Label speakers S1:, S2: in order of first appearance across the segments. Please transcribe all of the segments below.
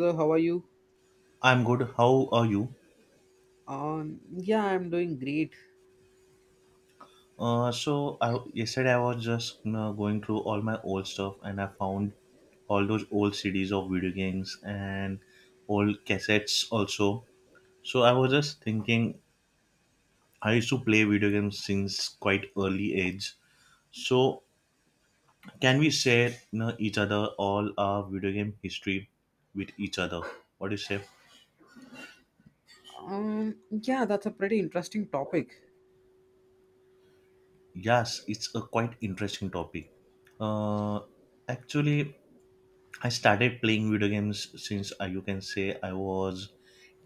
S1: So how are you?
S2: I'm good. How are you?
S1: Um, yeah, I'm doing great.
S2: Yesterday I was just going through all my old stuff and I found all those old CDs of video games and old cassettes also. So I was just thinking, I used to play video games since quite early age. So can we share each other all our video game history with each other? What do you say?
S1: Yeah, that's a pretty interesting topic.
S2: Yes, it's a quite interesting topic. Uh, actually, I started playing video games since you can say I was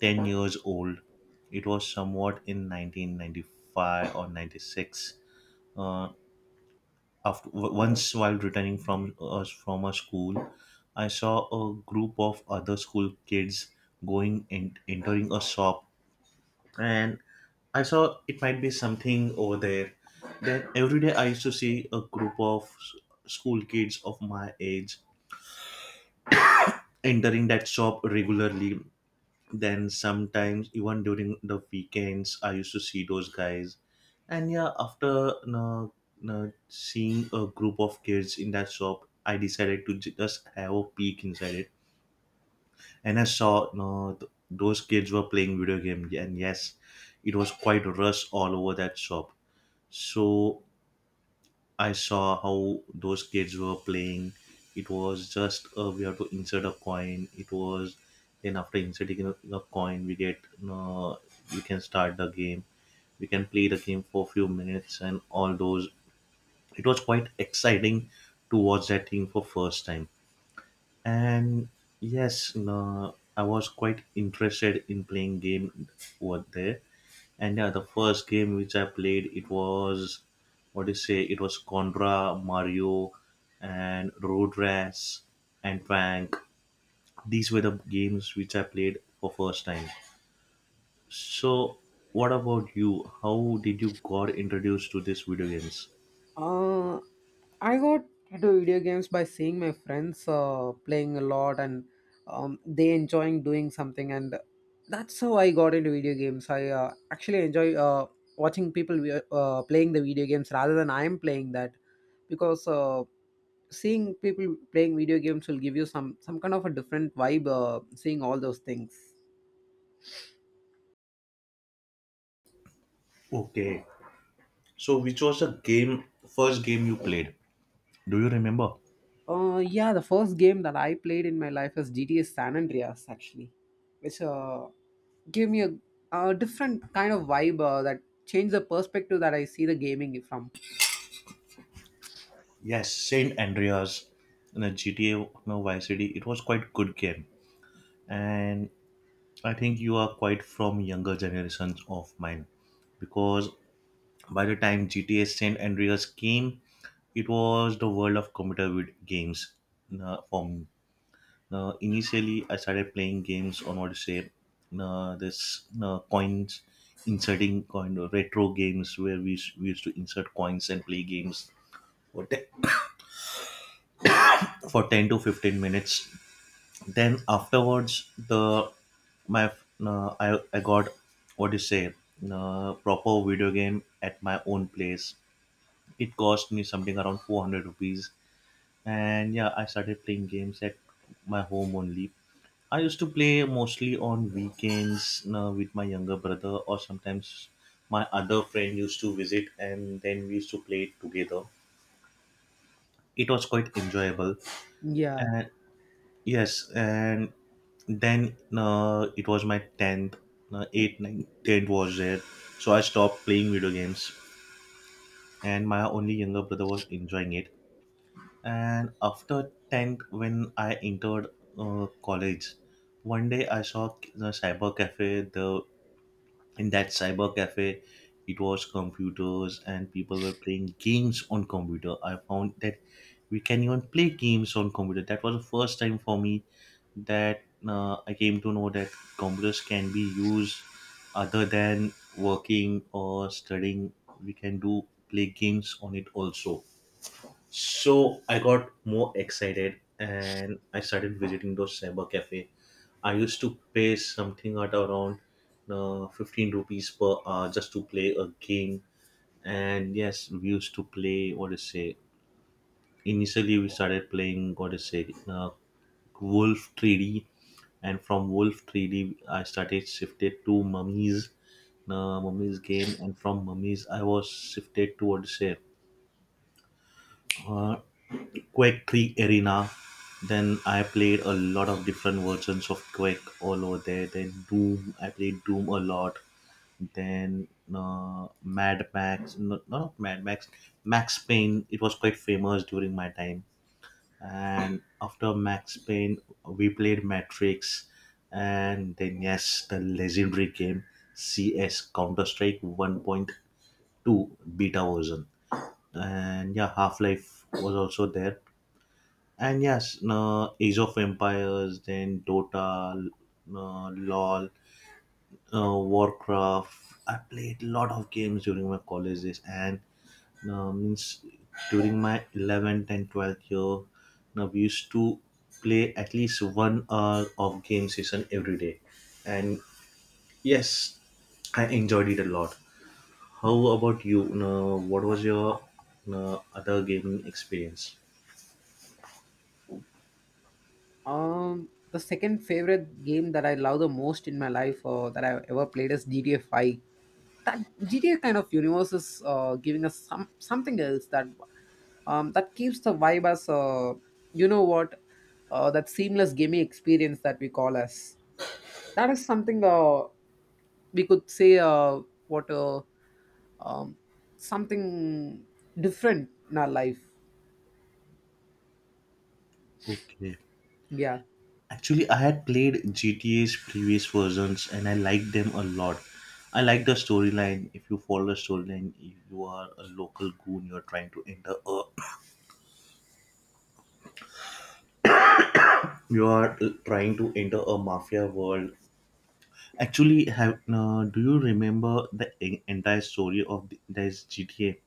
S2: 10 years old. It was somewhat in 1995 or 96. Uh, Once while returning from us from a school, I saw a group of other school kids going and entering a shop, and I saw it might be something over there. Then every day I used to see a group of school kids of my age entering that shop regularly. Then sometimes even during the weekends, I used to see those guys. And yeah, after seeing a group of kids in that shop, I decided to just have a peek inside it, and I saw no th- those kids were playing video games. And yes, it was quite rush all over that shop. So I saw how those kids were playing. It was just we have to insert a coin. It was then after inserting a coin, we get uh, we can start the game. We can play the game for a few minutes and all those. It was quite exciting to watch that thing for first time. And yes, I was quite interested in playing game over there. And yeah, the first game which I played, it was what do you say? It was Contra, Mario, and Road Rash, and Tank. These were the games which I played for first time. So, what about you? How did you got introduced to these video games?
S1: Uh, I got into video games by seeing my friends playing a lot and they enjoying doing something, and that's how I got into video games. I actually enjoy watching people playing the video games rather than I am playing that, because seeing people playing video games will give you some kind of a different vibe. Seeing all those things.
S2: Okay. So, which was the game first game you played? Do you remember?
S1: Yeah, the first game that I played in my life was GTA San Andreas, actually, which gave me a different kind of vibe that changed the perspective that I see the gaming from.
S2: Yes, Saint Andreas in a GTA, no, Vice City. It was quite good game, and I think you are quite from younger generations of mine because by the time GTA San Andreas came, it was the world of computer games for me. Initially, I started playing games on what to say, this coins, inserting coin retro games where we used to insert coins and play games for, te- for 10 to 15 minutes. Then afterwards, the my uh, I got what do you say proper video game at my own place. It cost me something around 400 rupees. And yeah, I started playing games at my home only. I used to play mostly on weekends with my younger brother, or sometimes my other friend used to visit and then we used to play it together. It was quite enjoyable.
S1: Yeah.
S2: And yes and Then It was my 10th, 8, 9, tenth was there. So I stopped playing video games and my only younger brother was enjoying it. And after 10th, when I entered college, one day I saw a cyber cafe. The In that cyber cafe, it was computers and people were playing games on computer. I found that we can even play games on computer. That was the first time for me that I came to know that computers can be used other than working or studying, we can do play games on it also. So I got more excited and I started visiting those cyber cafe. I used to pay something at around 15 rupees per hour just to play a game. And yes, we used to play what to say. Initially, we started playing what to say Wolf 3D, and from Wolf 3D, I started shifted to Mummies, Mummies game, and from Mummies, I was shifted to what to say. uh, Quake 3 Arena. Then I played a lot of different versions of Quake all over there. Then Doom, I played Doom a lot. Then Mad Max, not Mad Max, Max Payne. It was quite famous during my time. And after Max Payne, we played Matrix, and then yes, the legendary game CS Counter Strike 1.2 beta version. And yeah, Half Life was also there. And yes, Age of Empires, then Dota, LOL, Warcraft. I played a lot of games during my college days, and means during my 11th and 12th year, now we used to play at least one hour of game session every day. And yes, I enjoyed it a lot. How about you? What was your other gaming experience?
S1: The second favorite game that I love the most in my life that I've ever played is GTA 5. That GTA kind of universe is giving us some something else that that keeps the vibe as you know what that seamless gaming experience that we call as. That is something we could say what um, something different in our life.
S2: Okay.
S1: Yeah,
S2: Actually, I had played GTA's previous versions and I liked them a lot. I liked the storyline. If you follow the storyline, you are a local goon. You are trying to enter a you are trying to enter a mafia world. Actually, have do you remember the entire story of this GTA?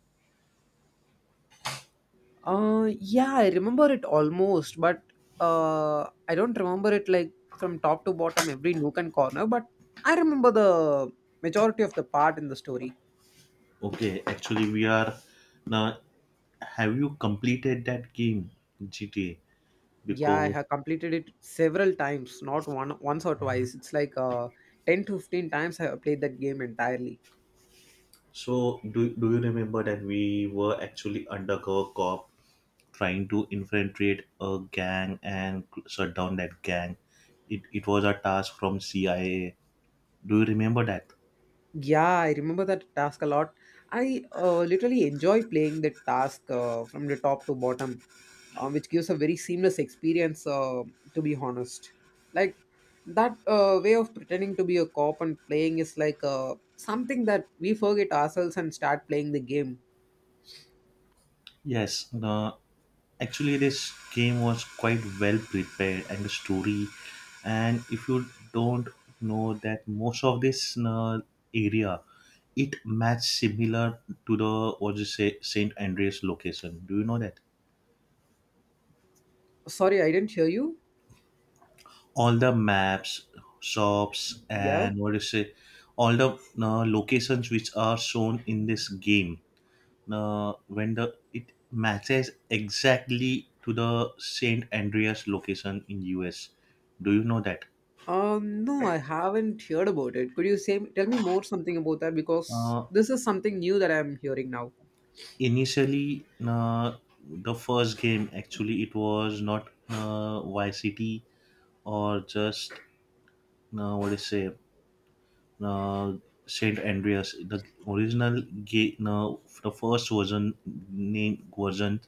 S1: uh yeah, I remember it almost, but I don't remember it like from top to bottom every nook and corner, but I remember the majority of the part in the story.
S2: Okay, actually, we are now. Have you completed that game, GTA?
S1: Yeah, I
S2: Because
S1: have completed it several times, not one once or twice. It's like 10 to 15 times I have played that game entirely.
S2: so do you remember that we were actually undercover cop trying to infiltrate a gang and shut down that gang. It was a task from CIA. Do you remember that?
S1: Yeah, I remember that task a lot. I literally enjoy playing the task from the top to bottom, which gives a very seamless experience, to be honest. Like, that way of pretending to be a cop and playing is like something that we forget ourselves and start playing the game.
S2: Yes, actually, this game was quite well prepared, and the story. And if you don't know that most of this area, it matched similar to the what you say Saint Andreas location. Do you know that?
S1: Sorry, I didn't hear you.
S2: All the maps, shops,
S1: Yeah.
S2: and what do you say, all the locations which are shown in this game. When the It matches exactly to the Saint Andreas location in US. Do you know that?
S1: No, I haven't heard about it. Could you say, tell me more something about that? Because
S2: Uh,
S1: this is something new that I'm hearing now.
S2: initially, the first game actually it was not Vice or just what do you say uh, Saint Andreas. The original ga- no, the first version name version,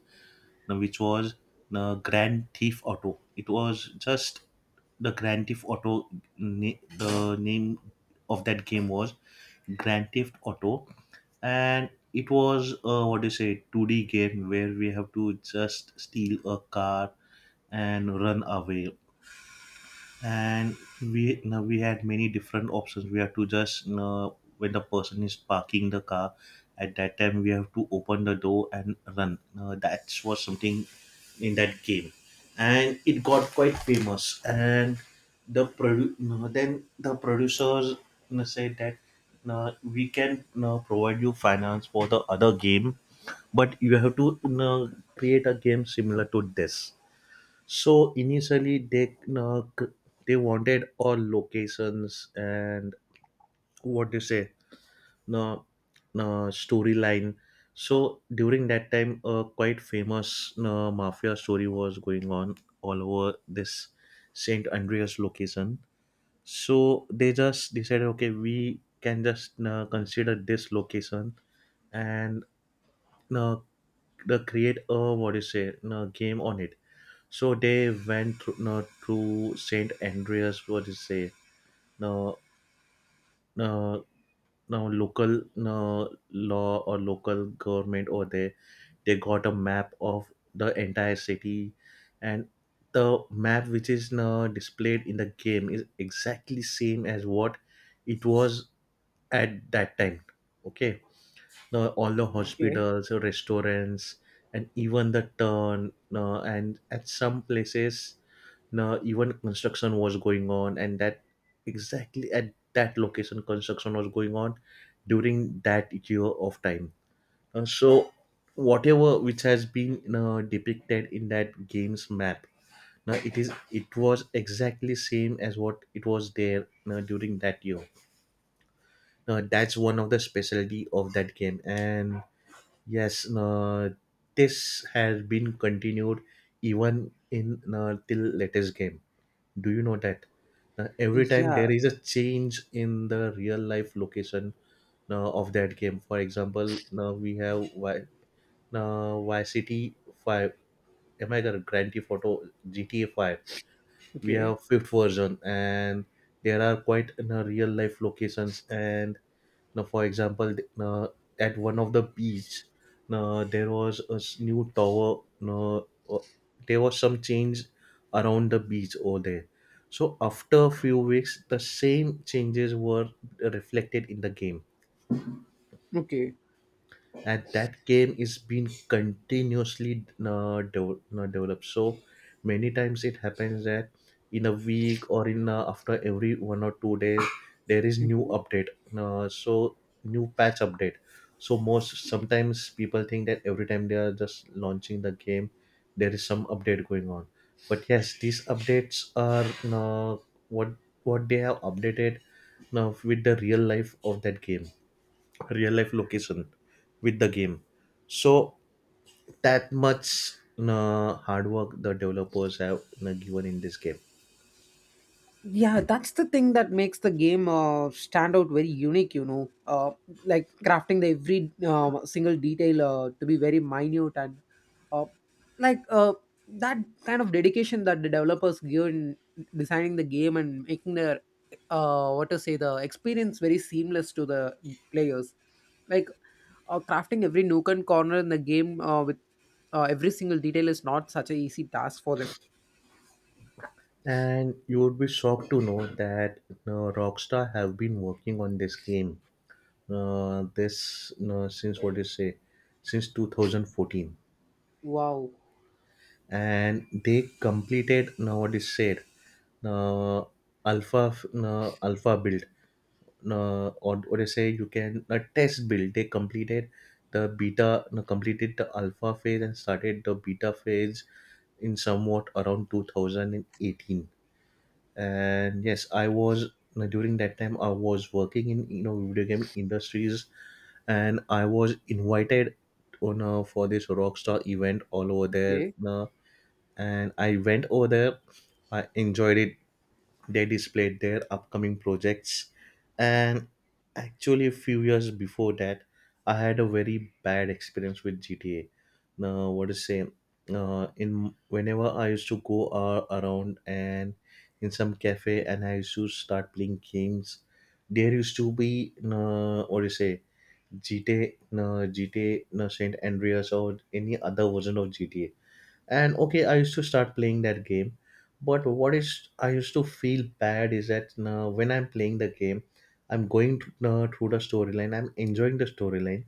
S2: no, which was the Grand Thief Auto. It was just the Grand Theft Auto. The name of that game was Grand Theft Auto, and it was what do you say, 2D game where we have to just steal a car and run away. And we had many different options. We have to just when the person is parking the car, at that time we have to open the door and run. Now, that was something in that game, and it got quite famous. And the produ- no, then the producers, said that, no, we can, provide you finance for the other game, but you have to, create a game similar to this. So initially, they no, c- they wanted all locations and what do you say, no, no storyline. So during that time, a quite famous, no, mafia story was going on all over this Saint Andreas location. So they just decided, okay, we can just, no, consider this location and, no, the create a what do you say, no, game on it. So they went through, no, to Saint Andreas. What do you say? No, no, no. Local, no, law or local government, or they got a map of the entire city, and the map which is, no, displayed in the game is exactly same as what it was at that time. Okay, now all the
S1: Okay.
S2: hospitals, restaurants, and even the turn, no, and at some places, now, even construction was going on, and that exactly at that location, construction was going on during that year of time. So, whatever which has been depicted in that game's map, now it is it was exactly same as what it was there during that year. Now that's one of the specialty of that game, and yes, this has been continued even in till latest game. Do you know that? Every time there
S1: Yeah.
S2: is a change in the real life location of that game. For example, now we have Y YCT 5. Am I correct? Grand Theft Auto GTA 5. We
S1: Okay.
S2: have fifth version, and there are quite real life locations. And now, for example, now, at one of the beach, now, there was a new tower. Now, there was some change around the beach over there. So after a few weeks, the same changes were reflected in the game,
S1: Okay.
S2: and that game is being continuously developed. So many times it happens that in a week or in after every 1 or 2 days there is new
S1: Mhm.
S2: update, so new patch update. So most sometimes people think that every time they are just launching the game there is some update going on, but yes, these updates are what what they have updated now with the real life of that game, real life location with the game. So that much hard work the developers have given in this game.
S1: Yeah, that's the thing that makes the game stand out very unique, you know, like crafting the every single detail to be very minute and uh, like uh, that kind of dedication that the developers give in designing the game and making their what to say the experience very seamless to the players, like crafting every nook and corner in the game with every single detail is not such a easy task for them.
S2: And you would be shocked to know that uh, Rockstar have been working on this game, this since what do you say, since 2014.
S1: Wow.
S2: And they completed now what is said, now alpha f- alpha build, now, or what I say, you can a test build, they completed the beta, now completed the alpha phase and started the beta phase in somewhat around 2018. And yes, I was now during that time I was working in, you know, video game industries, and I was invited on for this Rockstar event all over there.
S1: Okay.
S2: And I went over there. I enjoyed it. They displayed their upcoming projects, and actually, a few years before that, I had a very bad experience with GTA. Now, what to say? In Whenever I used to go around and in some cafe, and I used to start playing games, there used to be what do you say, GTA, Saint Andreas, or any other version of GTA. And okay, I used to start playing that game, but what is I used to feel bad is that when I'm playing the game, I'm going to, through the storyline, I'm enjoying the storyline,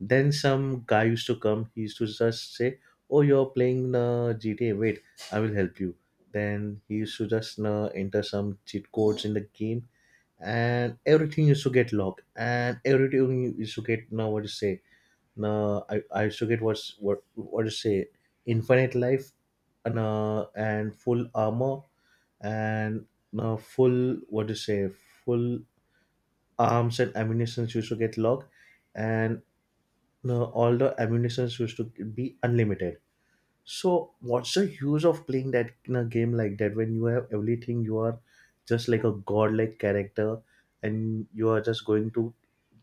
S2: then some guy used to come, he used to just say, "Oh, you're playing GTA, wait, I will help you." Then he used to just enter some cheat codes in the game, and everything used to get locked, and everything used to get, now what to say, now I forget what to say. Infinite life, and full armor, and full, what to say, full arms and ammunition used to get locked, and all the ammunition used to be unlimited. So what's the use of playing that in a game like that when you have everything? You are just like a godlike character, and you are just going to,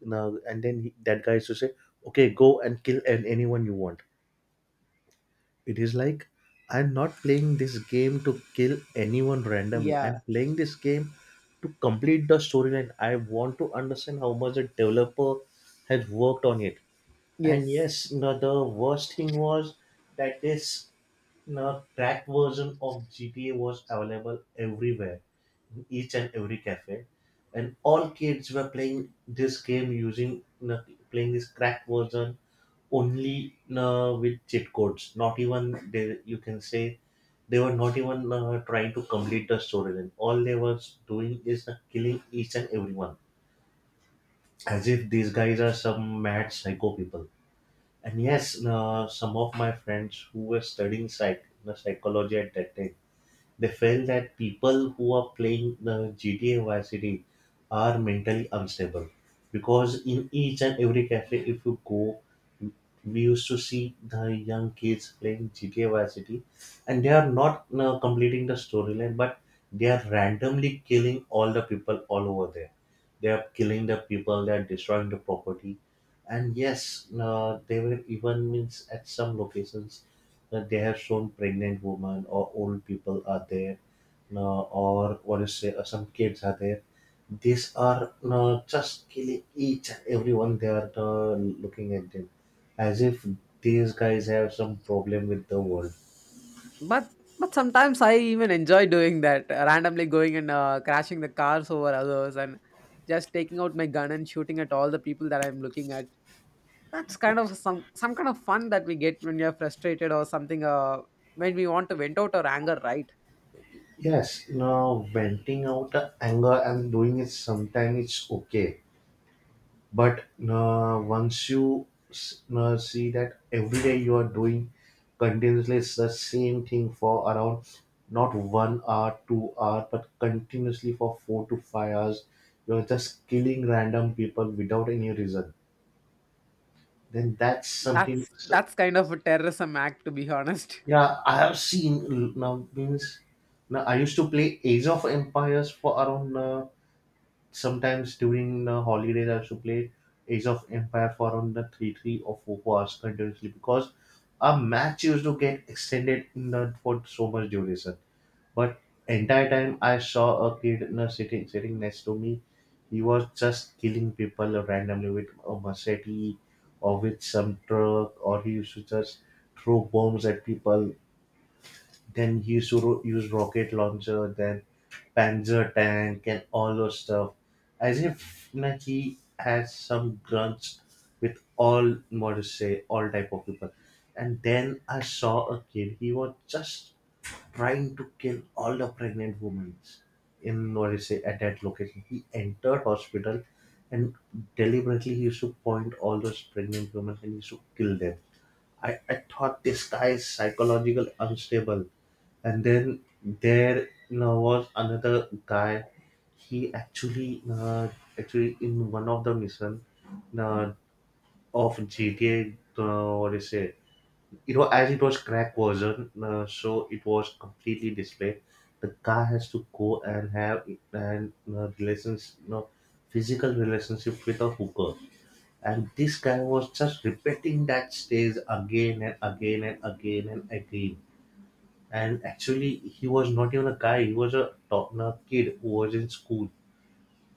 S2: now and then he, that guy used to say, "Okay, go and kill anyone you want." It is like I'm not playing this game to kill anyone randomly. I'm
S1: Yeah.
S2: playing this game to complete the storyline. I want to understand how much the developer has worked on it. And
S1: Yes.
S2: yes, no, the worst thing was that this, no, cracked version of GTA was available everywhere, in each and every cafe, and all kids were playing this game using, no, playing this cracked version only with cheat codes. Not even they, you can say they were not even trying to complete the storyline. All they was doing is killing each and everyone, as if these guys are some mad psycho people. And yes, some of my friends who were studying psychology at that time, they felt that people who are playing the GTA Vice City are mentally unstable, because in each and every cafe, if you go, we used to see the young kids playing GTA Vice City, and they are not completing the storyline, but they are randomly killing all the people all over there. They are killing the people. They are destroying the property, and yes, they were even, means, at some locations they have shown pregnant women or old people are there, or what is say, some kids are there, these are just killing each and everyone, they are looking at them as if these guys have some problem with the world.
S1: But but sometimes I even enjoy doing that, randomly going and crashing the cars over others and just taking out my gun and shooting at all the people that I'm looking at. That's kind of some kind of fun that we get when we are frustrated or something. When we want to vent out our anger, right?
S2: Yes, now venting out the anger and doing it sometimes it's okay, but once you see that every day you are doing continuously, it's the same thing for around not 1 hour, 2 hour, but continuously for 4 to 5 hours, you're just killing random people without any reason, then that's something.
S1: That's
S2: So,
S1: kind of a terrorism act, to be honest.
S2: yeah, I have seen, now, means, now I used to play Age of Empires for around sometimes during the holidays. I used to play Age of Empire for around the 3 or 4 hours continuously, because a match used to get extended in the, for so much duration. But entire time, I saw a kid in a sitting next to me. He was just killing people randomly with a machete, or with some truck, or he used to just throw bombs at people. Then he used to use rocket launcher. Then Panzer Tank and all those stuff, as if Nike has some grudge with all models, say all type of people. And then I saw a kid. He was just trying to kill all the pregnant women in, what is say, at that location. He entered hospital, and deliberately he used to point all those pregnant women and he used to kill them. I thought this guy is psychological unstable. And then there, you know, was another guy. He actually, actually in one of the mission uh, of GTA, what is it, you know, as it was crack version, so it was completely displayed, the guy has to go and have, and relations, you know, physical relationship with a hooker, and this guy was just repeating that stage again and again and again and again. And actually, he was not even a guy. He was a, a kid who was in school.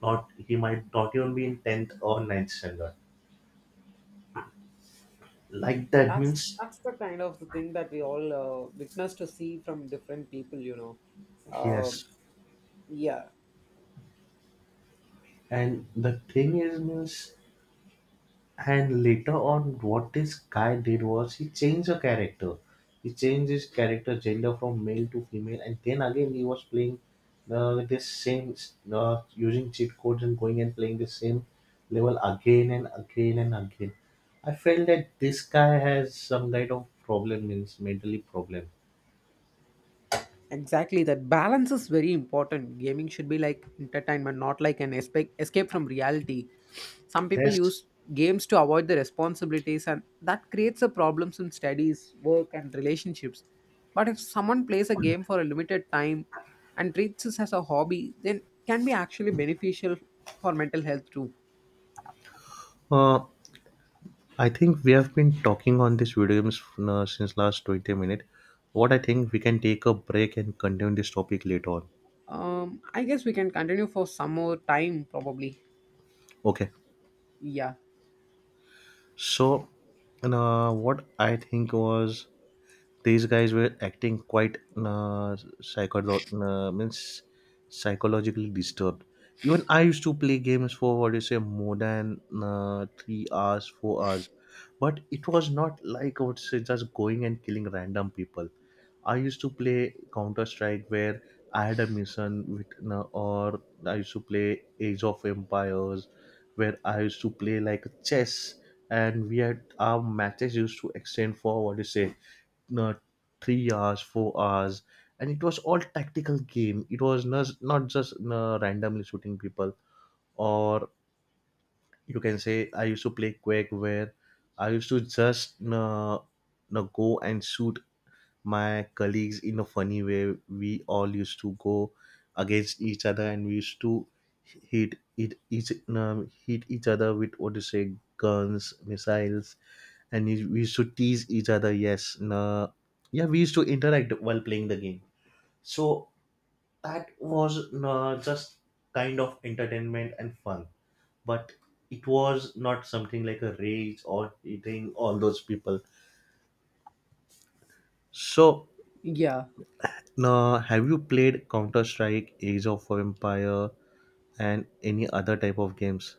S2: Not, he might not even be in tenth or ninth standard. Like that,
S1: That's
S2: means,
S1: the kind of the thing that we all witness to see from different people, you know. Um
S2: yes.
S1: yeah,
S2: And the thing is, means, and later on, what this guy did was he changed the character. He changed his character gender from male to female, and then again he was playing this same using cheat codes and going and playing the same level again and again and again. I felt that this guy has some kind of problem, means mentally problem.
S1: exactly, that balance is very important. Gaming should be like entertainment, not like an escape from reality. Some people
S2: Yes.
S1: use games to avoid the responsibilities, and that creates a problems in studies, work, and relationships. But if someone plays a game for a limited time and treats this as a hobby, then can be actually beneficial for mental health too.
S2: Uh, I think we have been talking on this video games since last 20 minutes. What I think, we can take a break and continue this topic later on.
S1: I guess we can continue for some more time, probably.
S2: Okay.
S1: Yeah,
S2: So, and, what I think was these guys were acting quite means psychologically disturbed. Even I used to play games for what you say more than 3 hours, 4 hours, but it was not like I would say just going and killing random people. I used to play Counter Strike where I had a mission with, or I used to play Age of Empires where I used to play like chess, and we had our matches used to extend for what you say, uh, 3 hours, 4 hours, and it was all tactical game. It was not not just randomly shooting people, or you can say I used to play Quake where I used to just no, go and shoot my colleagues in a funny way. We all used to go against each other, and we used to hit each other with, what do you say, guns, missiles, and we used to tease each other. Yes, nah, yeah, we used to interact while playing the game. So that was, nah, just kind of entertainment and fun, but it was not something like a rage or eating all those people. So,
S1: yeah.
S2: now, have you played Counter Strike, Age of Empire, and any other type of games?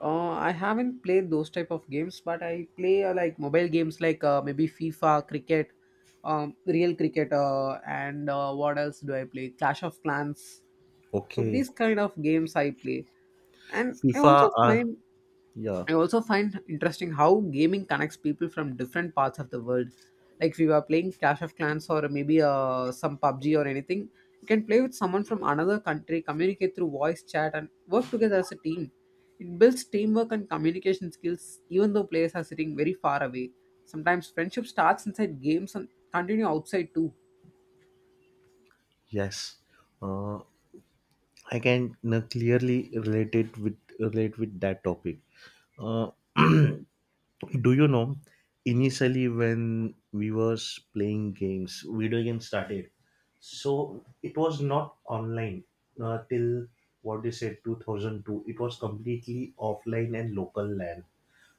S1: I haven't played those type of games, but I play like mobile games like maybe FIFA, cricket, real cricket, and what else do I play? Clash of Clans. So
S2: Okay,
S1: these kind of games I play, and
S2: FIFA are, yeah,
S1: I also find interesting how gaming connects people from different parts of the world. Like if you are playing Clash of Clans or maybe some PUBG or anything, you can play with someone from another country, communicate through voice chat, and work together as a team. It builds teamwork and communication skills, even though players are sitting very far away. Sometimes friendship starts inside games and continue outside too.
S2: yes. Uh, I can clearly relate with that topic. Uh, do you know, initially, when we was playing games, video games started, so it was not online till what they said 2002. It was completely offline and local LAN.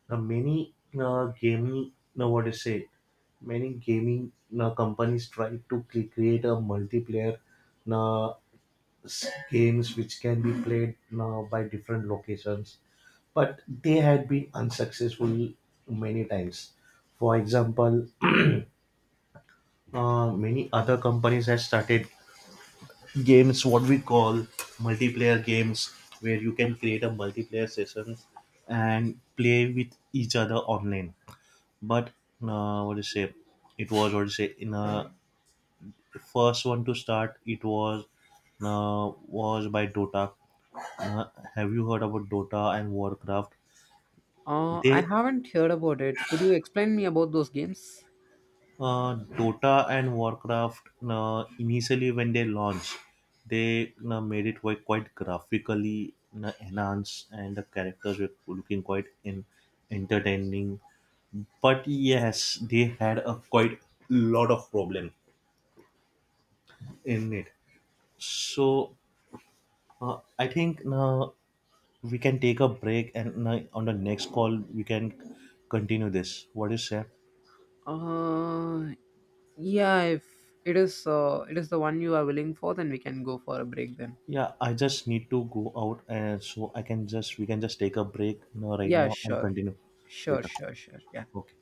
S2: Now, many gaming now what is it? Many gaming companies try to create a multiplayer, uh, games which can be played by different locations, but they had been unsuccessful many times. For example, many other companies have started games what we call multiplayer games, where you can create a multiplayer sessions and play with each other online, but what do you say it was, what do you say, in the first one to start it was, was by Dota. uh, have you heard about Dota and Warcraft?
S1: I
S2: They,
S1: haven't heard about it. Could you explain me about those games?
S2: Dota and Warcraft, initially when they launched, they made it quite, quite graphically enhanced, and the characters were looking quite in entertaining, but yes, they had a quite lot of problem in it. So, I think now we can take a break, and on the next call we can continue this. What do you say?
S1: Uh, Yeah, if it is it is the one you are willing for, then we can go for a break then.
S2: Yeah, I just need to go out, and so I can just, we can just take a break now right
S1: Yeah,
S2: now and
S1: sure.
S2: continue
S1: Sure,
S2: later.
S1: sure, sure. Yeah.
S2: Okay.